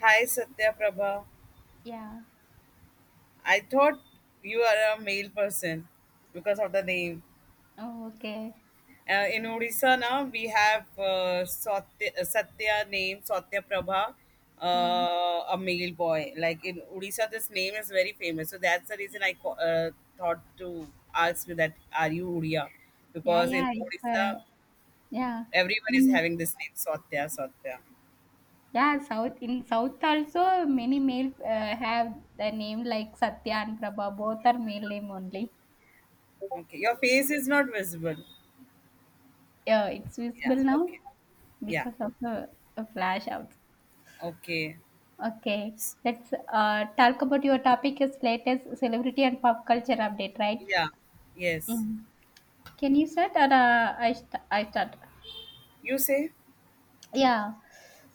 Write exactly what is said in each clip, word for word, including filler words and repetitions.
Hi Satya Prabha. Yeah. I thought you are a male person because of the name. Oh, okay. Uh, in Odisha now we have uh, Satya, uh, Satya name Satya Prabha, Mm. uh, a male boy. Like in Odisha, this name is very famous. So that's the reason I co- uh, thought to ask you that are you Odia? Yeah, Because in yeah. It's Odisha uh, yeah. everyone is In having this name Satya Satya. Yeah, South in South also many male uh, have the name like Satya and Prabha. Both are male name only. Okay, your face is not visible. Yeah, it's Yeah. visible now Okay. Yeah. because of the uh, flash out. Okay. Okay, let's uh, talk about your topic is latest celebrity and pop culture update, right? Yeah, yes. Mm. Can you start or uh, I st- I start? You say? Yeah.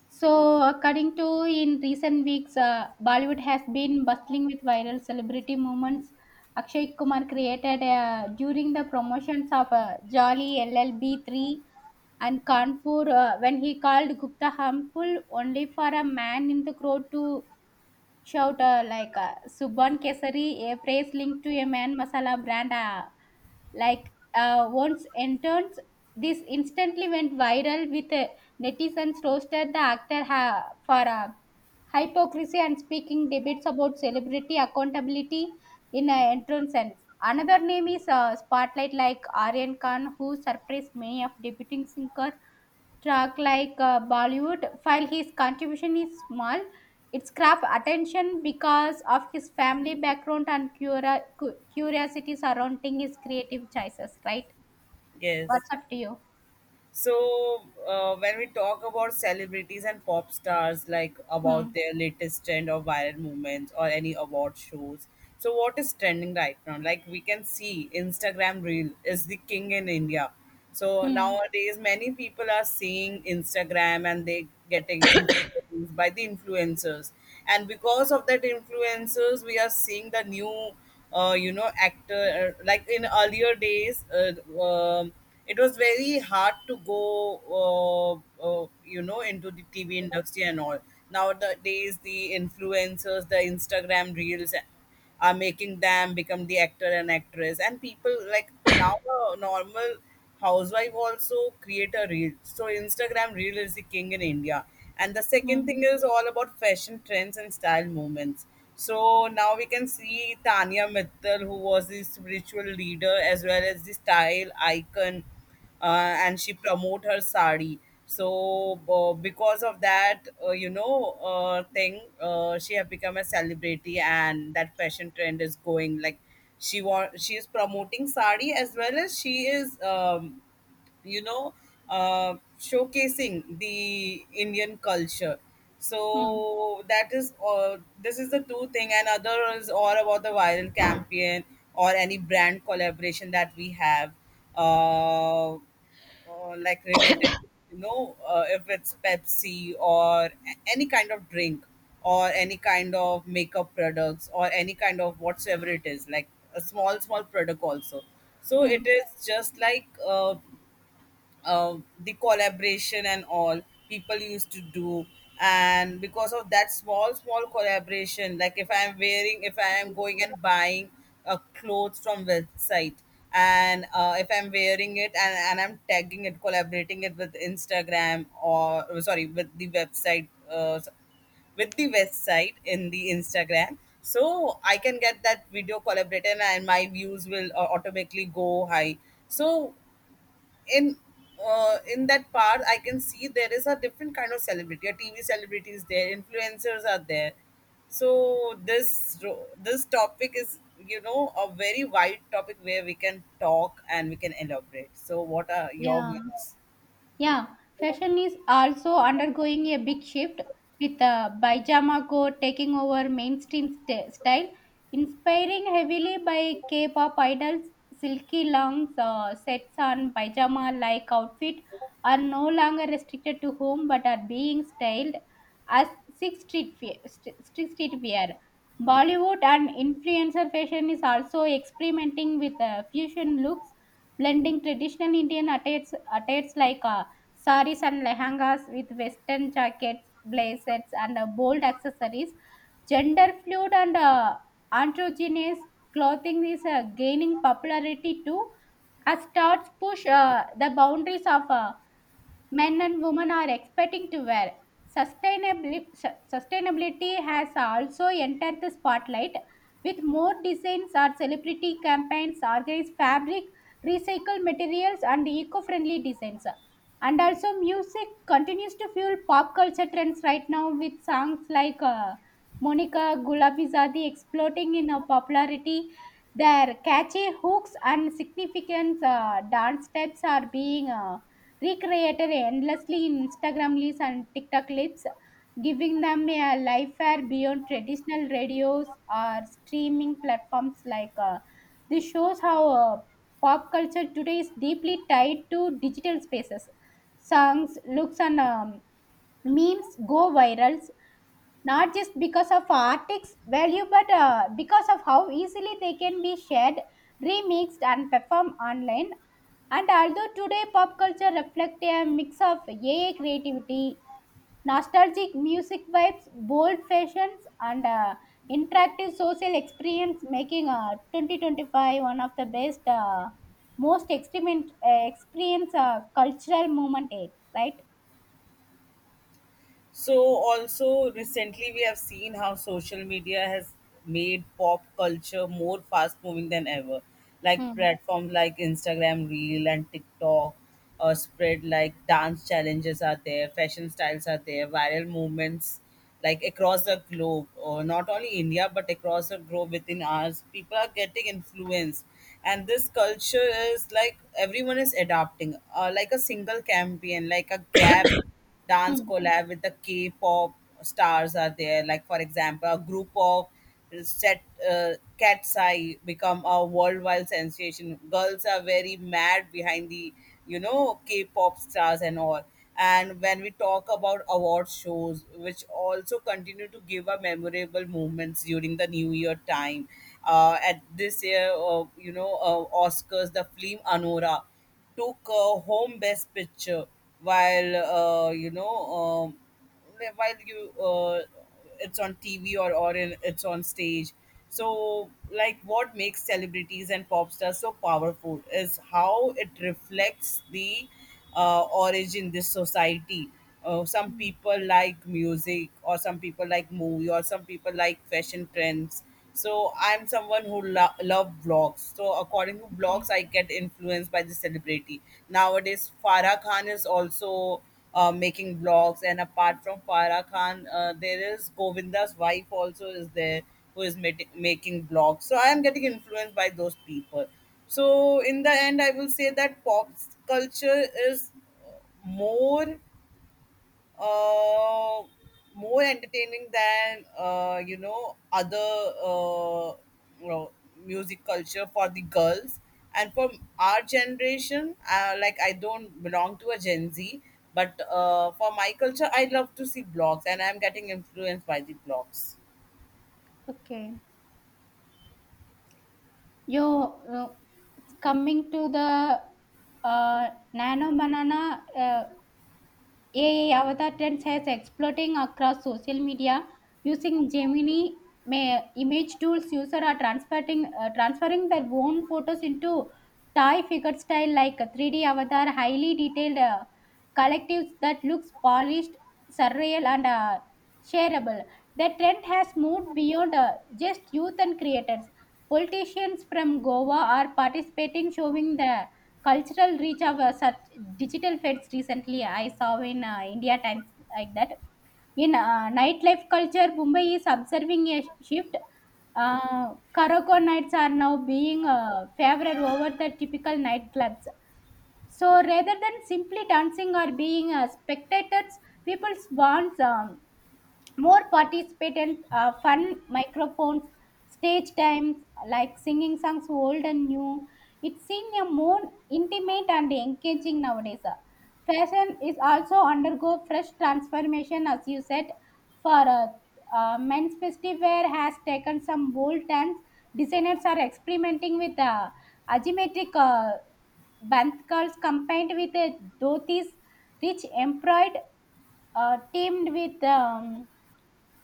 So, according to in recent weeks, uh, Bollywood has been bustling with viral celebrity moments. Akshay Kumar created uh, during the promotions of uh, Jolly L L B three and Kanpur uh, when he called Gupta harmful only for a man in the crowd to shout uh, like uh, Subban Kesari, a phrase linked to a man masala brand uh, like uh, once entered, this instantly went viral with uh, netizens roasted the actor ha- for uh, hypocrisy and speaking debates about celebrity accountability in an entrance sense. Another name is uh, Spotlight, like Aryan Khan, who surprised many of debuting singer Truck like uh, Bollywood, while his contribution is small, it grabbed attention because of his family background and cura- cu- curiosity surrounding his creative choices, right? Yes. What's up to you? So uh, when we talk about celebrities and pop stars, like Hmm. about their latest trend or viral movements or any award shows, so what is trending right now? Like we can see Instagram Reel is the king in India. So Hmm. nowadays, many people are seeing Instagram and they getting influenced by the influencers, and because of that influencers, we are seeing the new uh, you know actor, uh, like in earlier days uh, um, it was very hard to go uh, uh, you know into the TV industry and all. Nowadays, the influencers, the Instagram reels are making them become the actor and actress, and people like, now a normal housewife also create a reel. So Instagram reel is the king in India. And the second thing Hmm. is all about fashion trends and style movements. So now we can see Tanya Mittal, who was the spiritual leader as well as the style icon, uh, and she promote her sari. So uh, because of that, uh, you know, uh, thing, uh, she have become a celebrity, and that fashion trend is going like she want she is promoting sari, as well as she is um, you know uh, showcasing the Indian culture. Hmm. So that is, uh, this is the two thing, and other is all about the viral campaign or any brand collaboration that we have uh, uh, like, related, you know uh, if it's Pepsi or a- any kind of drink or any kind of makeup products or any kind of whatsoever it is, like a small small product also. So Hmm. it is just like uh, uh, the collaboration and all people used to do. And because of that small small collaboration, like if I'm wearing if I am going and buying a clothes from website and uh, if I'm wearing it and, and I'm tagging it, collaborating it with Instagram, or sorry, with the website, uh, with the website in the Instagram. So I can get that video collaborated and my views will uh, automatically go high. So in uh, in that part I can see there is a different kind of celebrity. A TV celebrity is there, influencers are there. So this ro- this topic is, you know a very wide topic where we can talk and we can elaborate. So what are your Yeah. views? Yeah, fashion is also undergoing a big shift with uh, pajama code taking over mainstream st- style, inspiring heavily by K-pop idols. Silky long uh, sets on pajama-like outfit are no longer restricted to home but are being styled as six street wear. St- st- street wear. Bollywood and influencer fashion is also experimenting with uh, fusion looks blending traditional Indian attires, attires like uh, saris and lehengas with western jackets, blazers, and uh, bold accessories. Gender fluid and uh, androgynous clothing is uh, gaining popularity too, as thoughts push uh, the boundaries of uh, men and women are expecting to wear. Sustainably, su- sustainability has also entered the spotlight with more designs or celebrity campaigns, organized fabric, recycled materials, and eco friendly designs. And also, music continues to fuel pop culture trends right now with songs like uh, Monica Gulabizadi exploding in uh, popularity. Their catchy hooks and significant uh, dance steps are being uh, recreated endlessly in Instagram reels and TikTok clips, giving them a life fare beyond traditional radios or streaming platforms like uh, this shows how uh, pop culture today is deeply tied to digital spaces, songs, looks, and um, memes go viral not just because of artistic value but uh, because of how easily they can be shared, remixed, and performed online. And although today pop culture reflects a mix of A I creativity, nostalgic music vibes, bold fashions, and uh, interactive social experience, making uh, twenty twenty-five one of the best, uh, most experiment, uh, experience uh, cultural movement, aid, right? So, also recently, we have seen how social media has made pop culture more fast moving than ever. Like Hmm. platforms like Instagram Reel and TikTok uh, spread, like dance challenges are there, fashion styles are there, viral movements like across the globe, or not only India but across the globe within hours. People are getting influenced, and this culture is like everyone is adapting. Uh, like a single campaign, like a gap dance Hmm. collab with the K-pop stars are there. Like for example, a group of set uh, cat's eye become a worldwide sensation. Girls are very mad behind the you know K-pop stars and all. And when we talk about award shows, which also continue to give a memorable moments during the New Year time, uh, at this year, uh, you know, uh, Oscars, the film Anora took uh, home best picture, while uh, you know um, while you uh, it's on TV or, or in, it's on stage. So like what makes celebrities and pop stars so powerful is how it reflects the uh, origin this society. Uh, some people like music, or some people like movie, or some people like fashion trends. So I'm someone who lo- love vlogs. So according to blogs, Okay. I get influenced by the celebrity. Nowadays, Farah Khan is also uh, making vlogs, and apart from Farah Khan, uh, there is Govinda's wife also is there, who is mati- making vlogs. So I am getting influenced by those people. So in the end, I will say that pop culture is more uh, more entertaining than uh, you know other uh, you know, music culture for the girls. And from our generation, uh, like, I don't belong to a Gen Z, but uh, for my culture I love to see blogs and I'm getting influenced by the blogs. Okay. Yo, uh, coming to the uh, nano banana, uh, A I avatar trends has exploding across social media. Using Gemini ma- image tools, users are transferring uh, transferring their own photos into Thai figure style like a three D avatar, highly detailed uh, collectives that looks polished, surreal, and uh, shareable. The trend has moved beyond uh, just youth and creators. Politicians from Goa are participating, showing the cultural reach of uh, such digital feds. Recently I saw in uh, India Times like that. In uh, nightlife culture, Mumbai is observing a shift. Uh, karaoke nights are now being uh, favored over the typical nightclubs. So rather than simply dancing or being uh, spectators, people want um, more participant uh, fun, microphones, stage times, like singing songs old and new. It's seen a more intimate and engaging nowadays. Fashion is also undergo fresh transformation. As you said, for uh, uh, men's festive wear has taken some bold turns. Designers are experimenting with uh, asymmetric uh, banth curls combined with uh, dhotis, rich embroidered, uh, teamed with um,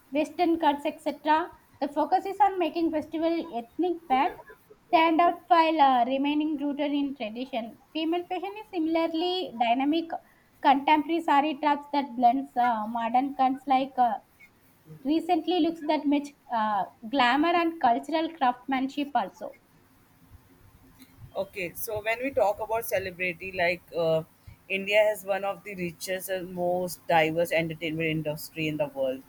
Western cuts, et cetera. The focus is on making festival ethnic fact stand out while uh, remaining rooted in tradition. Female fashion is similarly dynamic. Contemporary sari traps that blends uh, modern cuts, like uh, recently, looks that match uh, glamour and cultural craftsmanship also. Okay, so when we talk about celebrity, like uh, India has one of the richest and most diverse entertainment industry in the world,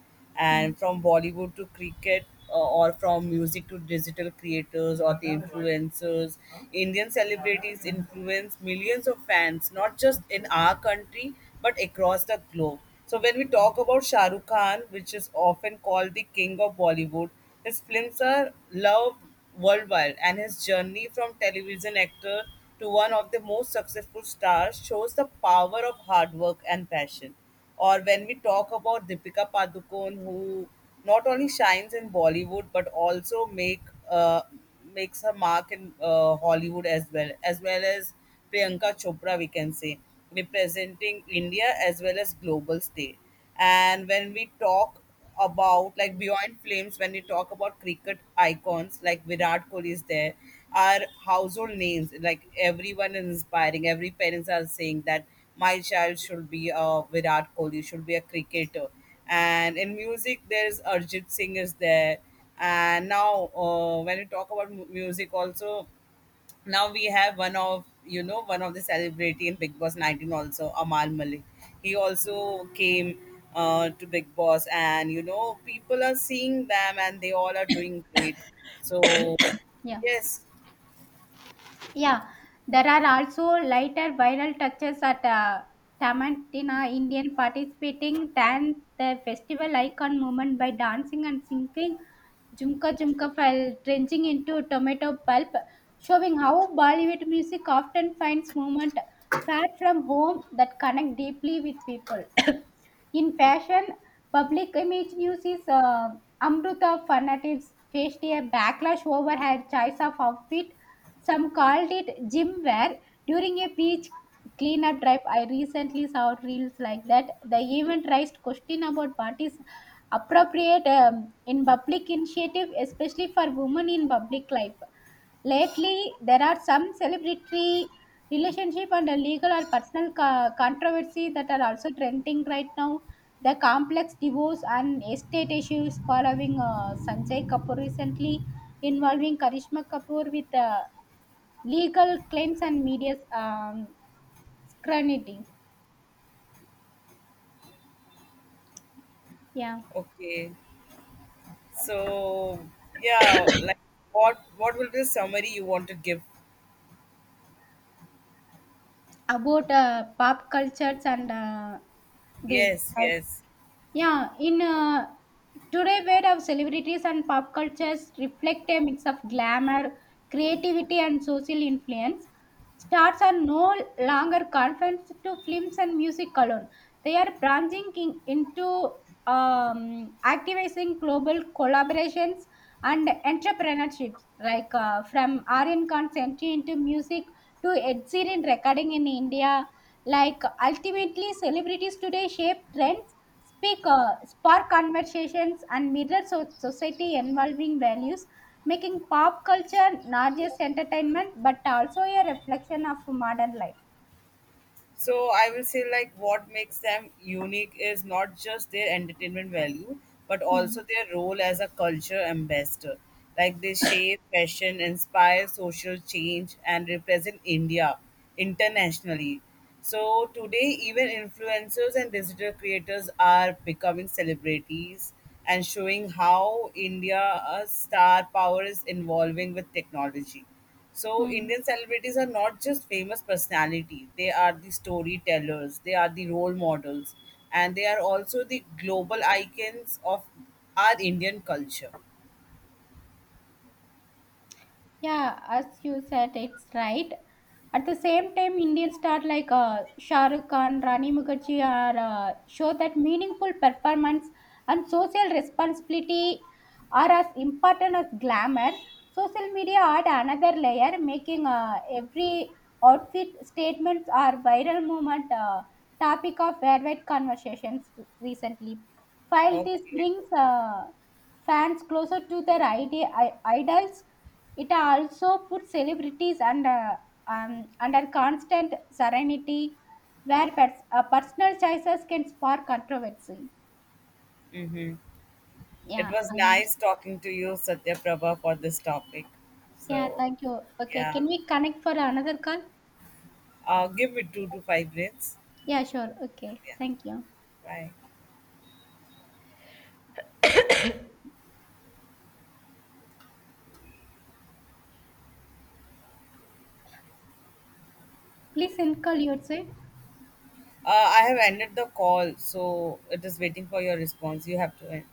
Hmm. and from Bollywood to cricket, uh, or from music to digital creators or the influencers, Indian celebrities influence millions of fans, not just in our country but across the globe. So when we talk about Shah Rukh Khan, which is often called the king of Bollywood, his films are loved worldwide, and his journey from television actor to one of the most successful stars shows the power of hard work and passion. Or when we talk about Deepika Padukone, who not only shines in Bollywood but also make uh, makes her mark in uh, Hollywood, as well as well as Priyanka Chopra, we can say, representing India as well as global stage. And when we talk about, like, beyond flames, when we talk about cricket icons like Virat Kohli is there, are household names, like everyone is inspiring, every parents are saying that my child should be a Virat Kohli, should be a cricketer. And in music, there's Arjit Singh is there. And now uh, when we talk about mu- music also, now we have one of, you know one of the celebrity in Big Boss nineteen, also Amal Malik. He also came uh, to Big Boss, and you know people are seeing them and they all are doing great. So Yeah. yes. Yeah, there are also lighter viral touches at uh, Tamantina Indian participating dance, the festival icon movement, by dancing and singing Jumka Jumka while drenching into tomato pulp, showing how Bollywood music often finds movement far from home that connect deeply with people. In fashion, public image news is uh, Amrutha fanatics faced a backlash over her choice of outfit. Some called it gym wear during a beach cleanup drive. I recently saw reels like that. The event raised question about what is appropriate um, in public initiative, especially for women in public life. Lately, there are some celebrity relationship and a legal or personal co- controversy that are also trending right now. The complex divorce and estate issues following uh, Sanjay Kapoor, recently involving Karishma Kapoor with uh, legal claims and media um, scrutiny. Yeah, Okay, so yeah, like, what what will the summary you want to give? about uh, pop cultures and uh, this. Yes, yes. Yeah, in uh, today world of celebrities and pop cultures reflect a mix of glamour, creativity, and social influence. Stars are no longer confined to films and music alone. They are branching in, into um, activating global collaborations and entrepreneurships, like uh, from Aryan Consenti into music to Ed Sheeran recording in India. Like, ultimately, celebrities today shape trends, speaker spark conversations, and mirror so- society involving values, making pop culture not just entertainment but also a reflection of modern life. So I will say, like, what makes them unique is not just their entertainment value, but also Hmm. their role as a culture ambassador. Like they shape fashion, inspire social change, and represent India internationally. So today, even influencers and digital creators are becoming celebrities and showing how India's star power is involving with technology. So Hmm. Indian celebrities are not just famous personalities; they are the storytellers, they are the role models, and they are also the global icons of our Indian culture. Yeah, as you said, it's right. At the same time, Indian stars like uh, Shah Rukh Khan, Rani Mukherjee are uh, show that meaningful performance and social responsibility are as important as glamour. Social media add another layer, making uh, every outfit statements or viral movement uh, topic of worldwide conversations recently. While this Okay. brings uh, fans closer to their ide- i- idols, it also puts celebrities under um, under constant serenity, where pers- uh, personal choices can spark controversy. Mm-hmm. It Yeah, was I nice understand. talking to you, Satya Prabha, for this topic. Yeah, So, thank you. Okay, yeah, can we connect for another call? uh, give it two to five minutes. Yeah, sure. Okay, Yeah, thank you. bye. Please end call yourself. Uh, I have ended the call, so it is waiting for your response. You have to end.